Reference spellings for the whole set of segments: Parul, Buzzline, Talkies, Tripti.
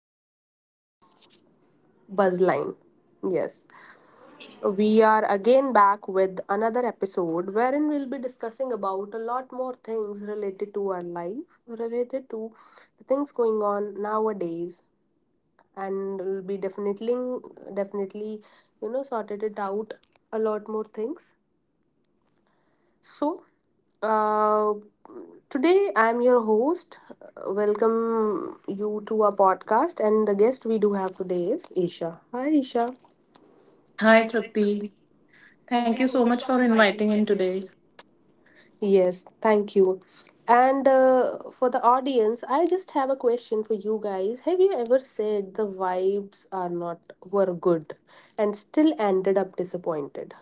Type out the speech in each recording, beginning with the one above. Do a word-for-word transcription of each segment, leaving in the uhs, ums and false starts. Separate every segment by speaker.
Speaker 1: episode of Buzzline. Yes, we are again back with another episode wherein we'll be discussing about a lot more things related to our life, related to the things going on nowadays, and we'll be definitely, definitely, you know, sorted it out a lot more things. So, uh, today I'm your host. Welcome you to our podcast, and the guest we do have today is Isha. Hi, Isha.
Speaker 2: Hi Trupti. Thank you so much for inviting in today.
Speaker 1: Yes, thank you. And uh, for the audience, I just have a question for you guys. Have you ever said the vibes are not were good and still ended up disappointed?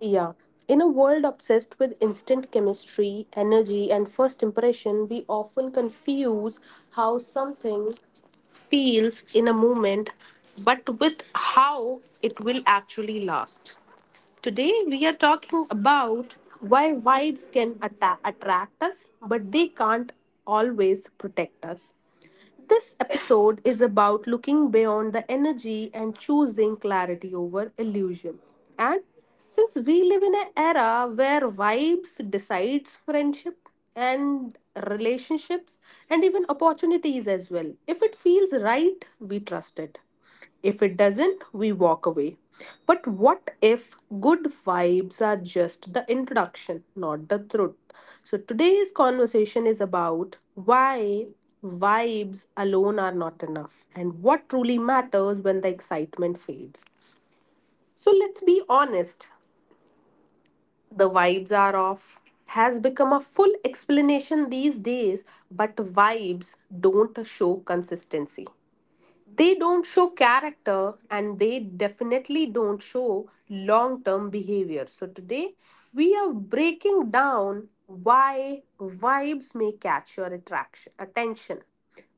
Speaker 1: Yeah. In a world obsessed with instant chemistry, energy, and first impression, we often confuse how something feels in a moment, but with how it will actually last. Today, we are talking about why vibes can atta- attract us, but they can't always protect us. This episode is about looking beyond the energy and choosing clarity over illusion. And since we live in an era where vibes decides friendship and relationships and even opportunities as well, if it feels right, we trust it. If it doesn't, we walk away. But what if good vibes are just the introduction, not the truth? So today's conversation is about why vibes alone are not enough and what truly matters when the excitement fades. So let's be honest. The vibes are off has become a full explanation these days, but vibes don't show consistency. They don't show character and they definitely don't show long term behavior. So, today we are breaking down why vibes may catch your attraction, attention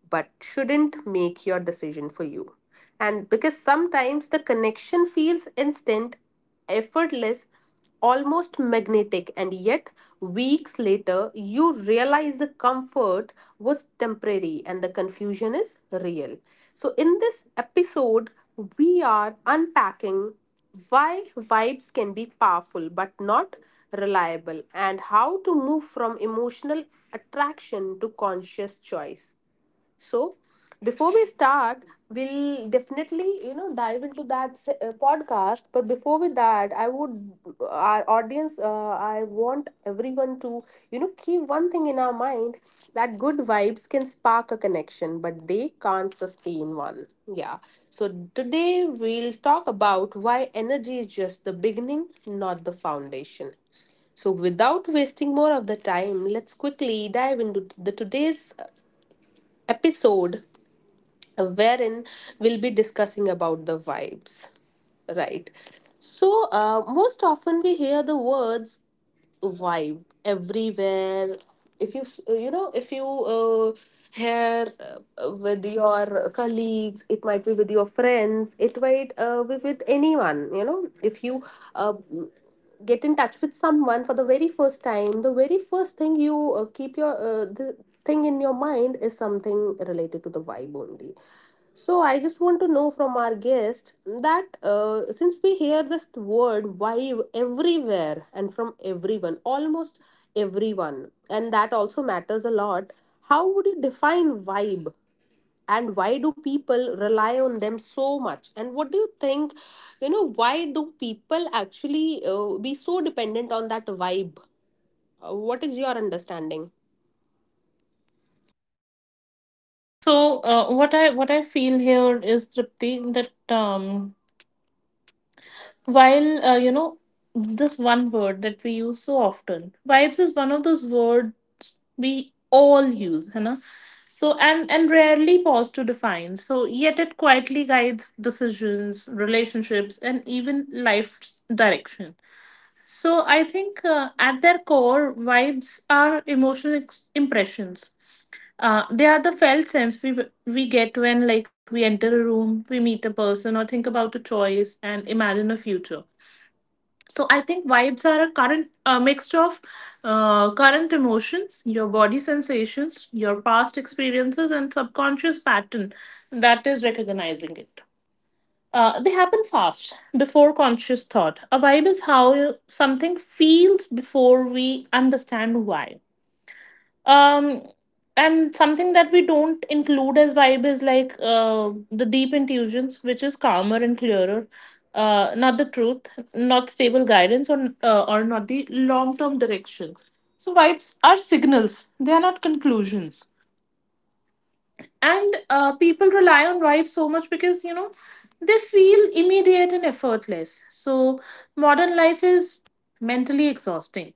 Speaker 1: but shouldn't make your decision for you. And because sometimes the connection feels instant, effortless, almost magnetic, and yet weeks later you realize the comfort was temporary and the confusion is real. So, in this episode, we are unpacking why vibes can be powerful but not reliable and how to move from emotional attraction to conscious choice. So, before we start, we'll definitely you know dive into that se- uh, podcast. But before with that, I would our audience, uh, I want everyone to you know keep one thing in our mind that good vibes can spark a connection, but they can't sustain one. Yeah. So today we'll talk about why energy is just the beginning, not the foundation. So, without wasting more of the time, let's quickly dive into the today's episode wherein we'll be discussing about the vibes, right? So uh, most often we hear the words vibe everywhere. If you f- you know if you uh, hear uh, with your colleagues, it might be with your friends, it might uh, be with anyone. You know if you uh, get in touch with someone for the very first time, the very first thing you uh, keep your uh, the thing in your mind is something related to the vibe only. So I just want to know from our guest that uh, since we hear this word why everywhere and from everyone, almost everyone, and that also matters a lot. How would you define vibe? And why do people rely on them so much? And what do you think? You know, why do people actually uh, be so dependent on that vibe? Uh, what is your understanding?
Speaker 2: So uh, what I what I feel here is Tripti that um, while uh, you know, this one word that we use so often, vibes is one of those words we all use, है ना? So and and rarely pause to define. So yet it quietly guides decisions, relationships, and even life's direction. So I think uh, at their core, vibes are emotional ex- impressions. Uh, they are the felt sense we we get when, like, we enter a room, we meet a person, or think about a choice and imagine a future. So I think vibes are a current, a mixture of uh, current emotions, your body sensations, your past experiences, and subconscious pattern that is recognizing it. Uh, they happen fast before conscious thought. A vibe is how something feels before we understand why. um and something that we don't include as vibe is like uh, the deep intuitions, which is calmer and clearer, uh, not the truth, not stable guidance, or uh, or not the long term direction. So vibes are signals, they are not conclusions. And uh, people rely on vibes so much because, you know, they feel immediate and effortless. So modern life is mentally exhausting.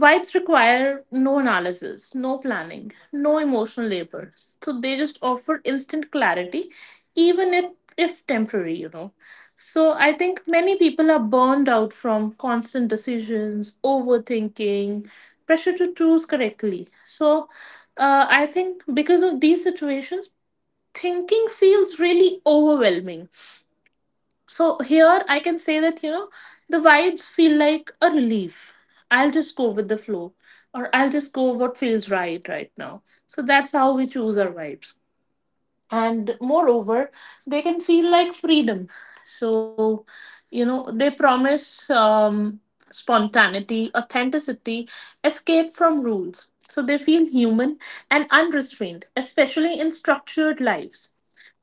Speaker 2: Vibes require no analysis, no planning, no emotional labor. So they just offer instant clarity, even if, if temporary, you know. So I think many people are burned out from constant decisions, overthinking, pressure to choose correctly. So uh, I think because of these situations, thinking feels really overwhelming. So here I can say that, you know, the vibes feel like a relief. I'll just go with the flow, or I'll just go what feels right right now. So that's how we choose our vibes. And moreover, they can feel like freedom. So, you know, they promise um, spontaneity, authenticity, escape from rules. So they feel human and unrestrained, especially in structured lives.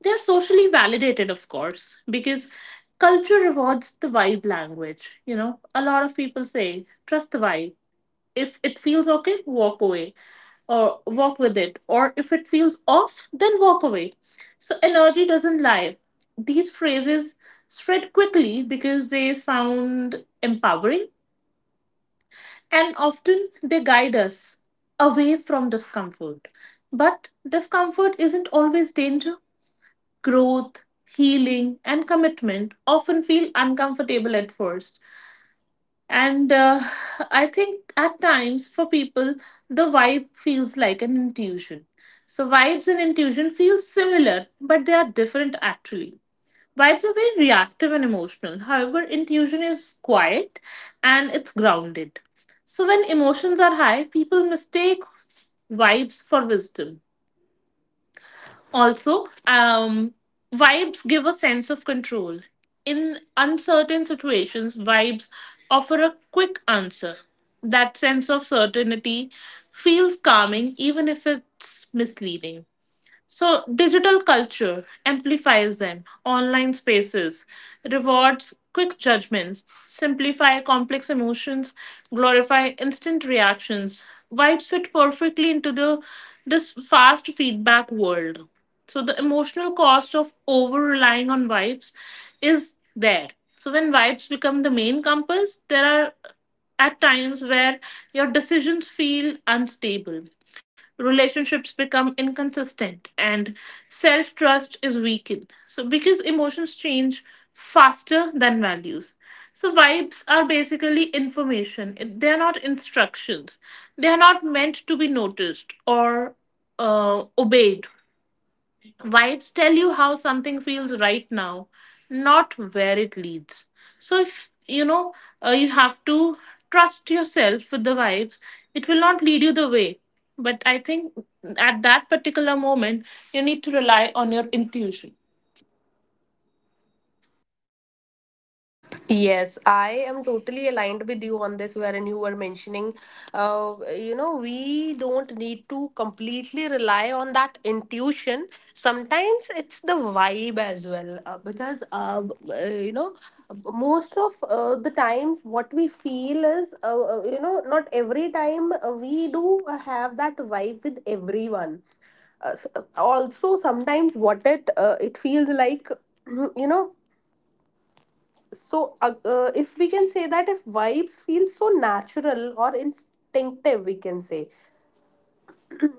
Speaker 2: They're socially validated, of course, because culture rewards the vibe language. You know, a lot of people say, trust the vibe. If it feels okay, walk away or walk with it. Or if it feels off, then walk away. So energy doesn't lie. These phrases spread quickly because they sound empowering, and often they guide us away from discomfort. But discomfort isn't always danger. Growth, healing, and commitment often feel uncomfortable at first. And uh, I think at times for people, the vibe feels like an intuition. So, vibes and intuition feel similar, but they are different actually. Vibes are very reactive and emotional. However, intuition is quiet and it's grounded. So, when emotions are high, people mistake vibes for wisdom. Also, um, vibes give a sense of control. In uncertain situations, vibes offer a quick answer. That sense of certainty feels calming, even if it's misleading. So, digital culture amplifies them. Online spaces rewards quick judgments, simplify complex emotions, glorify instant reactions. Vibes fit perfectly into the this fast feedback world. So, the emotional cost of over relying on vibes is there. So, when vibes become the main compass, there are at times where your decisions feel unstable, relationships become inconsistent, and self trust is weakened. So, because emotions change faster than values. So, vibes are basically information. It- they are not instructions, they are not meant to be noticed or uh, obeyed. Vibes tell you how something feels right now, not where it leads. So, if you know, uh, you have to trust yourself with the vibes, it will not lead you the way. But I think at that particular moment, you need to rely on your intuition.
Speaker 1: Yes, I am totally aligned with you on this, wherein you were mentioning, uh, you know, we don't need to completely rely on that intuition. Sometimes it's the vibe as well, uh, because, uh, uh, you know, most of uh, the times what we feel is, uh, uh, you know, not every time uh, we do have that vibe with everyone. Uh, s- Also, sometimes what it uh, it feels like, you know so uh, uh, if we can say that, if vibes feel so natural or instinctive, we can say,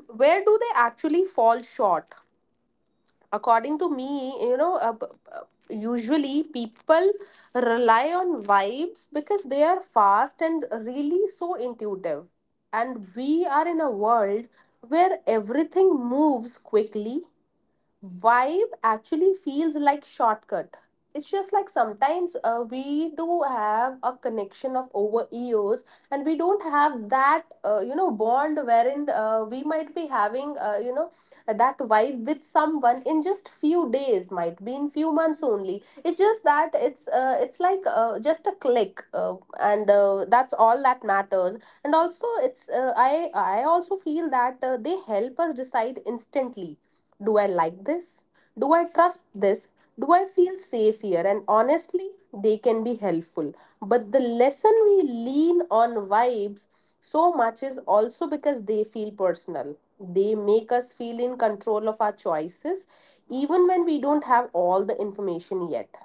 Speaker 1: where do they actually fall short, according to me? You know uh, b- b- usually people rely on vibes because they are fast and really so intuitive, and we are in a world where everything moves quickly. Vibe actually feels like shortcut. It's just like, sometimes uh, we do have a connection of over years, and we don't have that uh, you know bond wherein uh, we might be having uh, you know that vibe with someone in just few days, might be in few months only. It's just that it's uh, it's like uh, just a click, uh, and uh, that's all that matters. And also, it's uh, I I also feel that uh, they help us decide instantly. Do I like this? Do I trust this? Do I feel safe here? And honestly, they can be helpful. But the lesson we lean on vibes so much is also because they feel personal. They make us feel in control of our choices, even when we don't have all the information yet.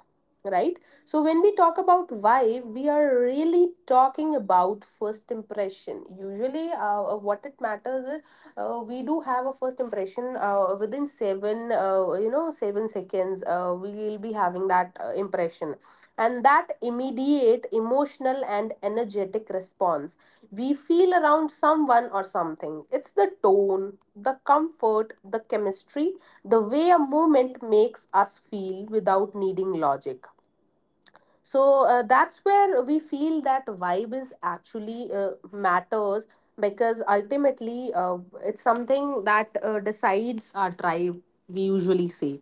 Speaker 1: Right? So, when we talk about vibe, we are really talking about first impression. Usually, uh, uh, what it matters is uh, we do have a first impression uh, within seven, uh, you know, seven seconds. Uh, we will be having that uh, impression, and that immediate emotional and energetic response we feel around someone or something. It's the tone, the comfort, the chemistry, the way a moment makes us feel without needing logic. So uh, that's where we feel that vibe is actually uh, matters, because ultimately uh, it's something that uh, decides our tribe, we usually say.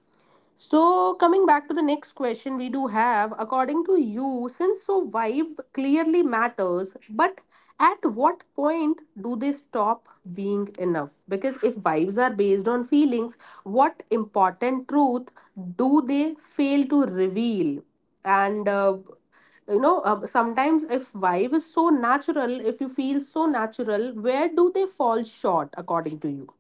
Speaker 1: So, coming back to the next question we do have, according to you, since so vibe clearly matters, but at what point do they stop being enough? Because if vibes are based on feelings, what important truth do they fail to reveal? And uh, you know uh, sometimes, if vibe is so natural, if you feel so natural, where do they fall short, according to you?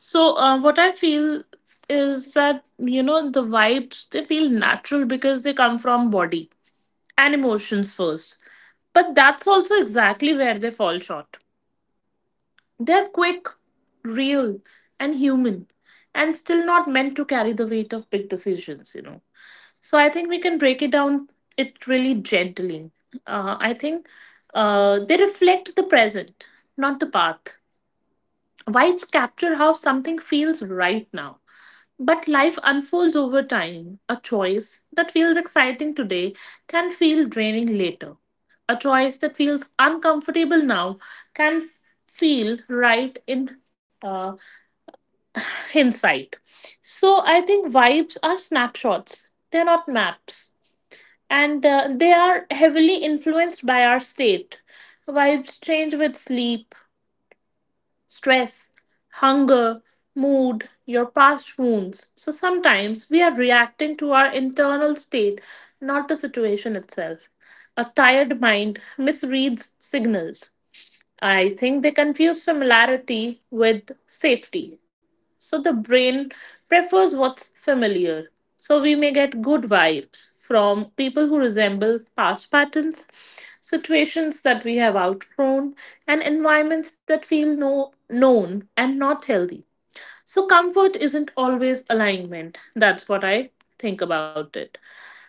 Speaker 2: So, uh, what I feel is that, you know, the vibes, they feel natural because they come from body and emotions first. But that's also exactly where they fall short. They're quick, real, and human, and still not meant to carry the weight of big decisions, you know. So I think we can break it down it really gently. Uh, I think uh, they reflect the present, not the path. Vibes capture how something feels right now. But life unfolds over time. A choice that feels exciting today can feel draining later. A choice that feels uncomfortable now can f- feel right in uh, hindsight. So I think vibes are snapshots, they're not maps. And uh, they are heavily influenced by our state. Vibes change with sleep, stress, hunger, mood, your past wounds. So sometimes we are reacting to our internal state, not the situation itself. A tired mind misreads signals. I think they confuse familiarity with safety. So the brain prefers what's familiar. So we may get good vibes from people who resemble past patterns, situations that we have outgrown, and environments that feel no, known and not healthy. So comfort isn't always alignment. That's what I think about it.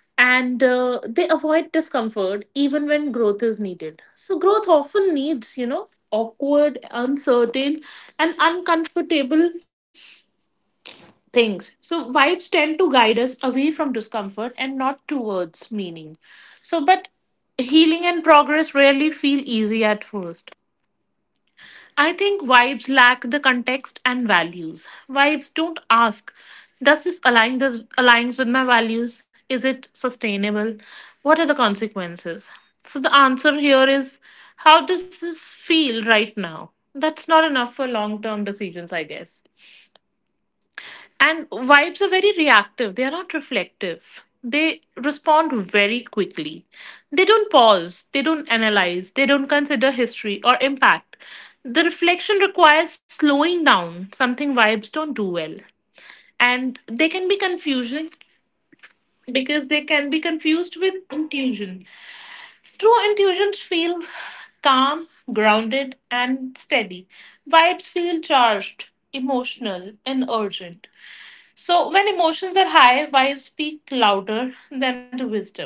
Speaker 2: And uh, they avoid discomfort even when growth is needed. So growth often needs, you know, awkward, uncertain, and uncomfortable things. So vibes tend to guide us away from discomfort and not towards meaning. So but healing and progress rarely feel easy at first. I think vibes lack the context and values. Vibes don't ask, does this align this aligns with my values? Is it sustainable? What are the consequences? So the answer here is, how does this feel right now? That's not enough for long-term decisions, I guess. And vibes are very reactive, they are not reflective. They respond very quickly. They don't pause, they don't analyze, they don't consider history or impact. The reflection requires slowing down, something vibes don't do well. And they can be confusing because they can be confused with intuition. True intuitions feel calm, grounded, and steady. Vibes feel charged, emotional, and urgent. So, when emotions are high, wives speak louder than the wisdom.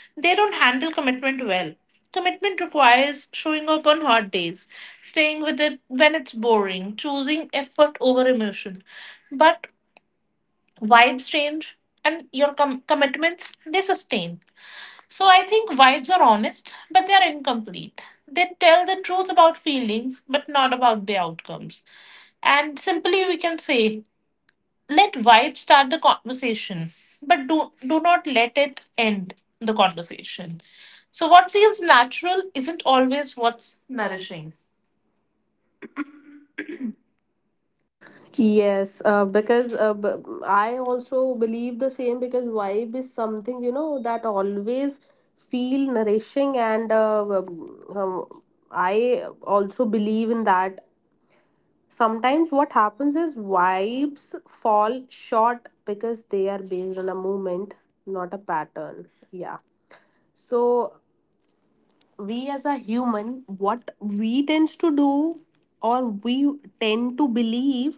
Speaker 2: They don't handle commitment well. Commitment requires showing up on hot days, staying with it when it's boring, choosing effort over emotion. But vibes change, and your com- commitments, they sustain. So I think vibes are honest, but they are incomplete. They tell the truth about feelings, but not about the outcomes. And simply we can say, let vibe start the conversation, but do, do not let it end the conversation. So, what feels natural isn't always what's nourishing.
Speaker 1: Yes, uh, because uh, b- I also believe the same, because vibe is something, you know, that always feel nourishing, and uh, um, um, I also believe in that. Sometimes what happens is vibes fall short because they are based on a moment, not a pattern. Yeah. So we as a human, what we tends to do, or we tend to believe,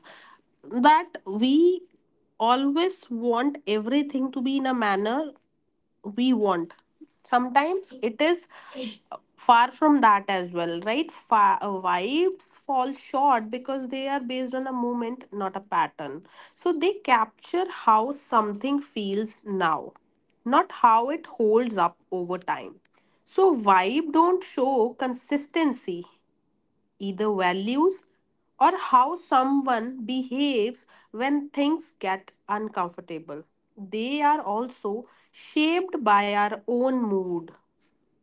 Speaker 1: that we always want everything to be in a manner we want. Sometimes it is far from that as well, right? Fa- uh, vibes fall short because they are based on a moment, not a pattern. So they capture how something feels now, not how it holds up over time. So vibe don't show consistency, either values or how someone behaves when things get uncomfortable. They are also shaped by our own mood,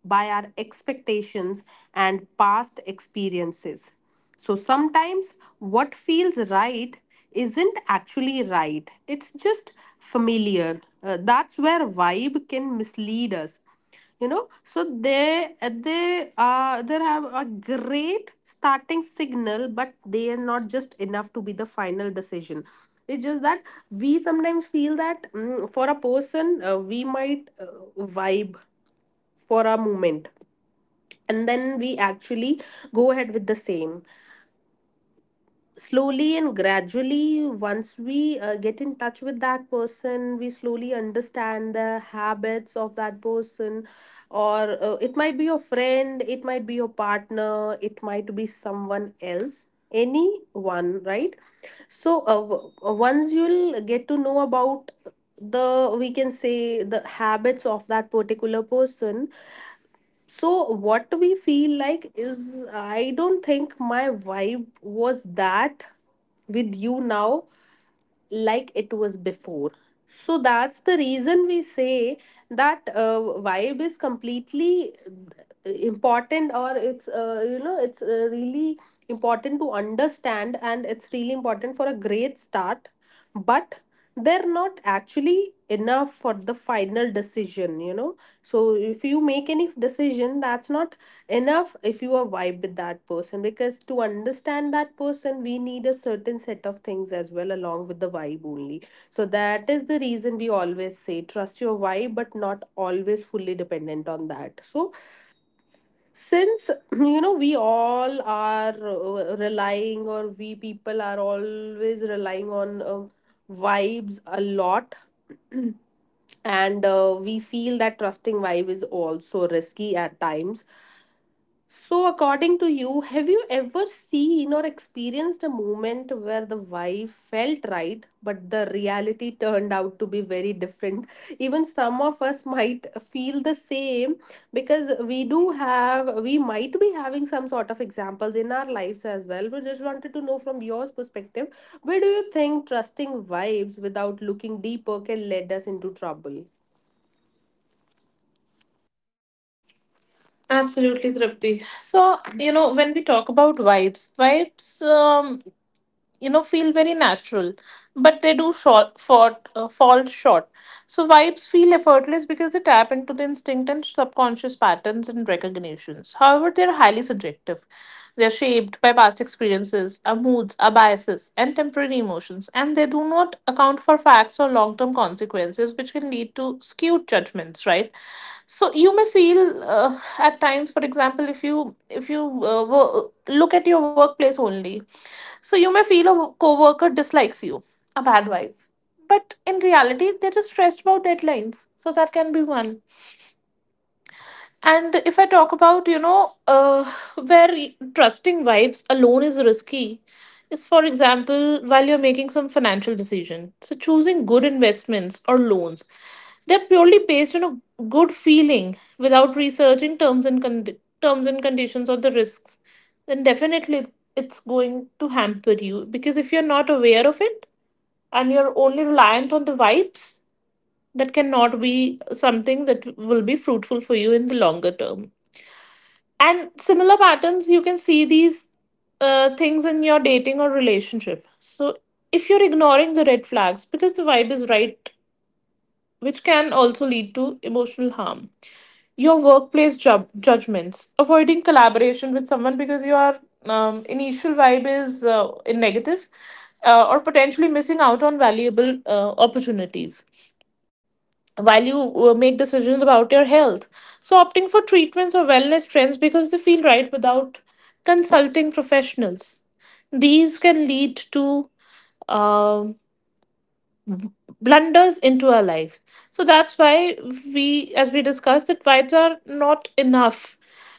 Speaker 1: by our expectations and past experiences. So sometimes what feels right isn't actually right, it's just familiar. Uh, that's where vibe can mislead us. You know, so they uh, they uh, there have a great starting signal, but they are not just enough to be the final decision. It's just that we sometimes feel that, mm, for a person uh, we might uh, vibe for a moment, and then we actually go ahead with the same, slowly and gradually. Once we uh, get in touch with that person, we slowly understand the habits of that person, or uh, it might be your friend, it might be your partner, it might be someone else, anyone, right? So uh, w- uh, once you'll get to know about the we can say the habits of that particular person, so what we feel like is, I don't think my vibe was that with you now like it was before. So that's the reason we say that uh, vibe is completely uh, important, or it's uh, you know it's uh, really important to understand, and it's really important for a great start, but they're not actually enough for the final decision, you know. So if you make any decision, that's not enough if you are vibe with that person, because to understand that person we need a certain set of things as well, along with the vibe only. So that is the reason we always say, trust your vibe but not always fully dependent on that. So since you know, we all are uh, relying, or we people are always relying on uh, vibes a lot, and uh, we feel that trusting vibe is also risky at times. So, according to you, have you ever seen or experienced a moment where the vibe felt right, but the reality turned out to be very different? Even some of us might feel the same, because we do have, we might be having some sort of examples in our lives as well. We just wanted to know from your perspective, where do you think trusting vibes without looking deeper can lead us into trouble?
Speaker 2: Absolutely, Tripti. So, you know, when we talk about vibes, vibes um, you know, feel very natural but they do short, for, uh, fall short. So vibes feel effortless because they tap into the instinct and subconscious patterns and recognitions. However, they are highly subjective. They are shaped by past experiences, our moods, our biases, and temporary emotions, and they do not account for facts or effects or long term consequences, which can lead to skewed judgments, right? So you may feel, uh, at times, for example, if you if you uh, wo- look at your workplace only, so you may feel a coworker dislikes you, a bad wife, but in reality, they're just stressed about deadlines. So that can be one. And if I talk about, you know, uh, where trusting vibes alone is risky, is for example, while you're making some financial decision. So choosing good investments or loans, they're purely based on a good feeling without researching terms and con terms and conditions or the risks. Then definitely it's going to hamper you, because if you're not aware of it and you're only reliant on the vibes, that cannot be something that will be fruitful for you in the longer term. And similar patterns, you can see these uh, things in your dating or relationship. So if you're ignoring the red flags because the vibe is right, which can also lead to emotional harm. Your workplace job judgments, avoiding collaboration with someone because your um, initial vibe is uh, in negative, uh, or potentially missing out on valuable uh, opportunities while you uh, make decisions about your health. So, opting for treatments or wellness trends because they feel right without consulting professionals. These can lead to um blunders into our life, so that's why we, as we discussed, that vibes are not enough.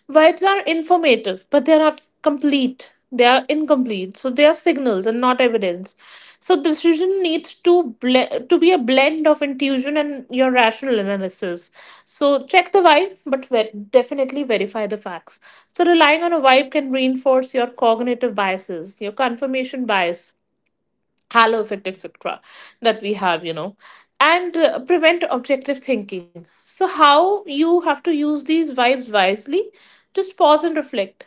Speaker 2: Vibes are informative but they're not complete, they are incomplete, so they are signals and not evidence. So decision needs to ble- to be a blend of intuition and your rational analysis. So check the vibe but ver- definitely verify the facts. So relying on a vibe can reinforce your cognitive biases, your confirmation bias, halo effect, etc. that we have, you know, and uh, prevent objective thinking. So how you have to use these vibes wisely: just pause and reflect.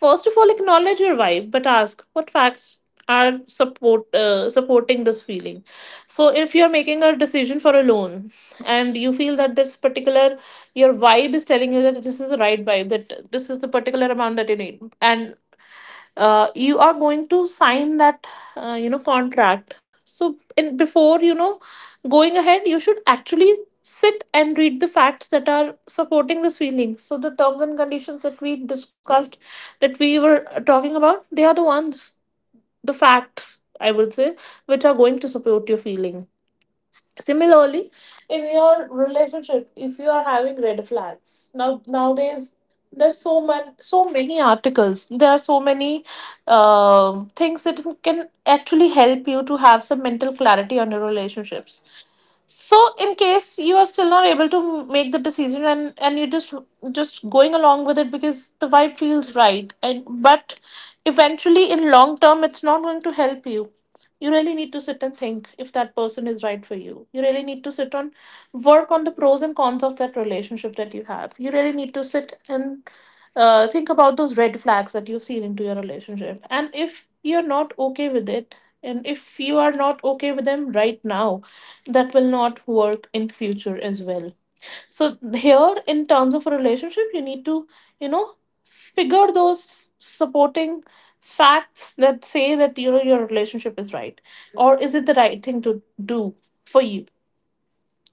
Speaker 2: First of all, acknowledge your vibe, but ask what facts are support uh, supporting this feeling. So if you're making a decision for a loan and you feel that this particular, your vibe is telling you that this is the right vibe, that this is the particular amount that you need, and uh, you are going to sign that uh, you know contract, so in, before you know going ahead, you should actually sit and read the facts that are supporting this feeling. So the terms and conditions that we discussed, that we were talking about, they are the ones, the facts I would say, which are going to support your feeling. Similarly, in your relationship, if you are having red flags, now nowadays there's so many so many articles. There are so many uh, things that can actually help you to have some mental clarity on your relationships. So in case you are still not able to make the decision, and and you're just just going along with it because the vibe feels right, and but eventually in long term it's not going to help you. You really need to sit and think if that person is right for you. You really need to sit on, work on the pros and cons of that relationship that you have. You really need to sit and uh, think about those red flags that you've seen into your relationship, and if you're not okay with it, and if you are not okay with them right now, that will not work in future as well. So here in terms of a relationship, you need to, you know, figure those supporting facts that say that, you know, your relationship is right, or is it the right thing to do for you.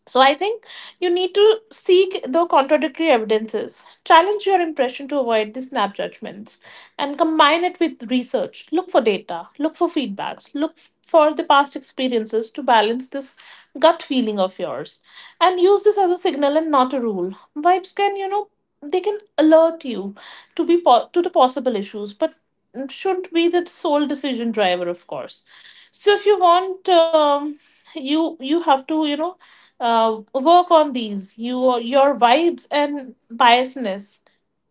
Speaker 2: So I think you need to seek the contradictory evidences, challenge your impression to avoid the snap judgments, and combine it with research. Look for data, look for feedbacks, look for the past experiences to balance this gut feeling of yours, and use this as a signal and not a rule. Vibes can, you know, they can alert you to be po- to the possible issues, but should be the sole decision driver, of course. So if you want, um, you you have to, you know, uh, work on these, you your vibes and biasness.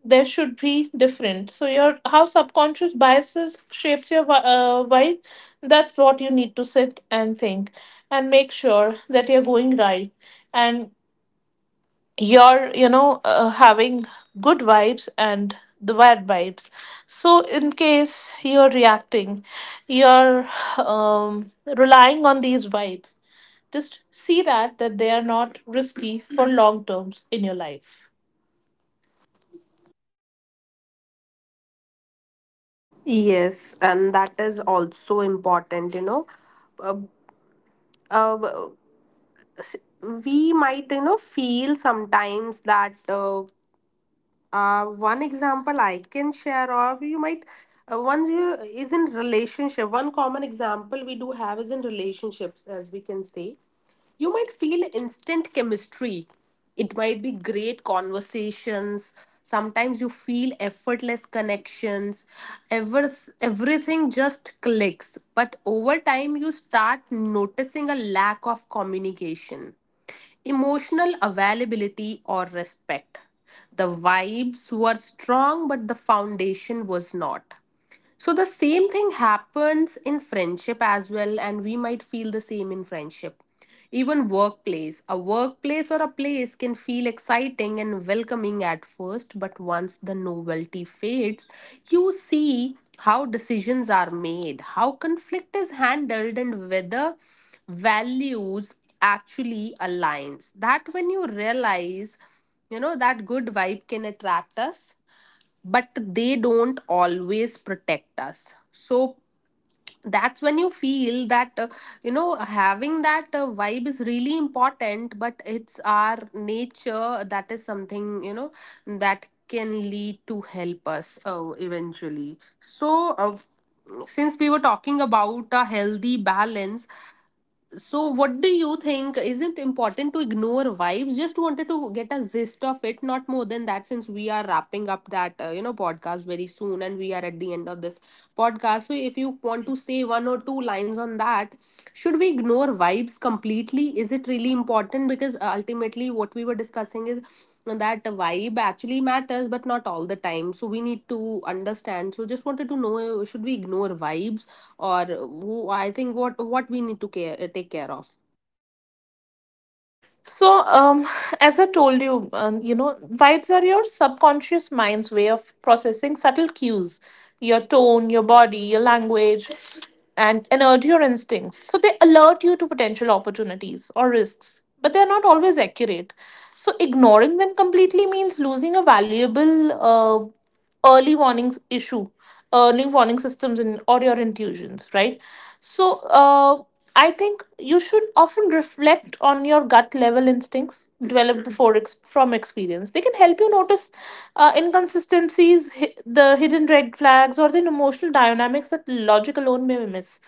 Speaker 2: There should be different, so your, how subconscious biases shapes your vi- uh, vibe, that's what you need to sit and think, and make sure that you're going right, and you're, you know, uh, having good vibes and the bad vibes. So in case you're reacting, you're, um, relying on these vibes, just see that that they are not risky for long terms in your life.
Speaker 1: Yes, and that is also important, you know uh, we might you know feel sometimes that uh, uh, one example I can share of you might uh, one you is in relationship. One common example we do have is in relationships, as we can say. You might feel instant chemistry. It might be great conversations. Sometimes you feel effortless connections. Ever Everything just clicks. But over time, you start noticing a lack of communication, emotional availability or respect. The vibes were strong, but the foundation was not. So the same thing happens in friendship as well, and we might feel the same in friendship. Even workplace. A workplace or a place can feel exciting and welcoming at first, but once the novelty fades, you see how decisions are made, how conflict is handled, and whether values actually aligns. That when you realize, you know, that good vibe can attract us, but they don't always protect us. So that's when you feel that, uh, you know having that uh, vibe is really important, but it's our nature that is something, you know, that can lead to help us uh, eventually. So uh, since we were talking about a healthy balance, so what do you think? Is it important to ignore vibes? Just wanted to get a gist of it, not more than that, since we are wrapping up that, uh, you know podcast very soon, and we are at the end of this podcast. So, if you want to say one or two lines on that, should we ignore vibes completely? Is it really important? Because uh, ultimately, what we were discussing is that vibe actually matters but not all the time, so we need to understand. So just wanted to know, should we ignore vibes, or who- I think what what we need to care take care of.
Speaker 2: So, um, as I told you, um, you know, vibes are your subconscious mind's way of processing subtle cues, your tone, your body, your language, and energy or instinct. So they alert you to potential opportunities or risks, but they're not always accurate. So ignoring them completely means losing a valuable uh, early warnings issue early warning systems in, or your intuitions, right? So uh, I think you should often reflect on your gut level instincts developed before ex- from experience. They can help you notice uh, inconsistencies, hi- the hidden red flags, or the emotional dynamics that logic alone may miss.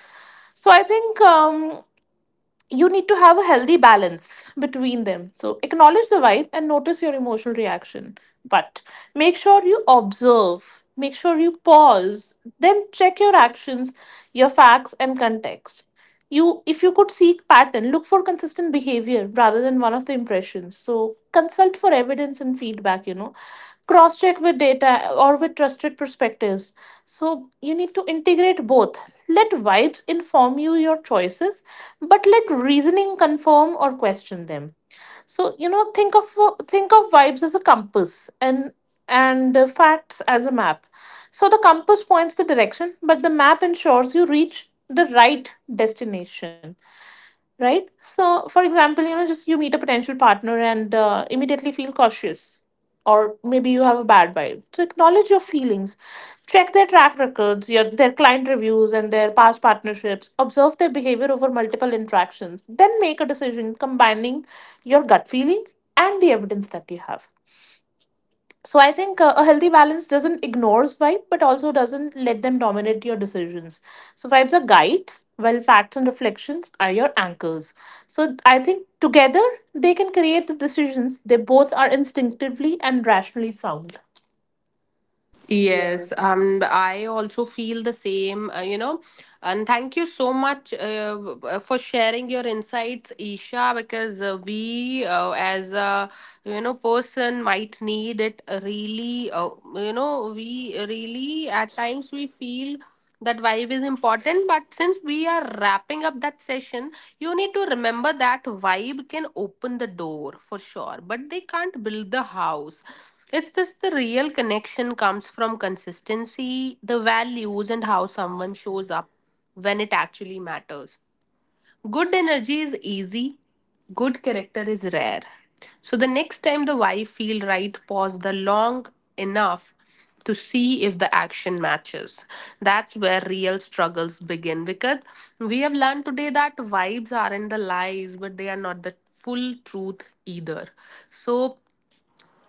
Speaker 2: So I think, um, you need to have a healthy balance between them. So acknowledge the vibe and notice your emotional reaction. But make sure you observe, make sure you pause, then check your actions, your facts, and context. You, if you could seek pattern, look for consistent behavior rather than one of the impressions. So consult for evidence and feedback, you know, cross check with data or with trusted perspectives. So you need to integrate both. Let vibes inform you your choices, but let reasoning confirm or question them. So you know, think of think of vibes as a compass, and and uh, facts as a map. So the compass points the direction, but the map ensures you reach the right destination, right? So, for example, you know, just you meet a potential partner and uh, immediately feel cautious, or maybe you have a bad vibe. So acknowledge your feelings, check their track records, your, their client reviews, and their past partnerships. Observe their behavior over multiple interactions. Then make a decision combining your gut feeling and the evidence that you have. So I think uh, a healthy balance doesn't ignores vibe, but also doesn't let them dominate your decisions. So vibes are guides, while facts and reflections are your anchors. So I think together they can create the decisions. They both are instinctively and rationally sound.
Speaker 1: Yes, um, I also feel the same, uh, you know and thank you so much, uh, w- w- for sharing your insights, Isha, because uh, we, uh, as a, you know, person might need it, really. Uh, you know we really at times we feel that vibe is important, but since we are wrapping up that session, you need to remember that vibe can open the door for sure, but they can't build the house. It's just the real connection comes from consistency, the values and how someone shows up when it actually matters. Good energy is easy, good character is rare. So the next time the why feel right, pause the long enough to see if the action matches. That's where real struggles begin, because we have learned today that vibes aren't the lies, but they are not the full truth either. So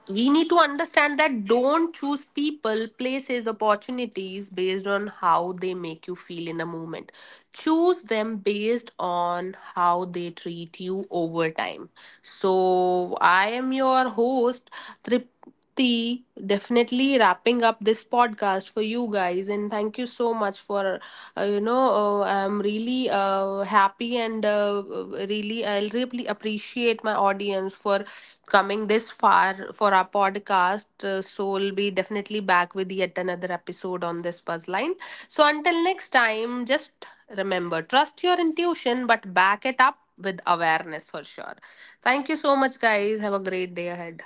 Speaker 1: we need to understand that don't choose people, places, opportunities based on how they make you feel in a moment. Choose them based on how they treat you over time. So, I am your host, Tripti, definitely wrapping up this podcast for you guys. And thank you so much for, uh, you know, uh, I'm really uh, happy and uh, really, I'll really appreciate my audience for coming this far for our podcast. Uh, so we'll be definitely back with yet another episode on this buzzline. So until next time, just remember, trust your intuition, but back it up with awareness for sure. Thank you so much, guys. Have a great day ahead.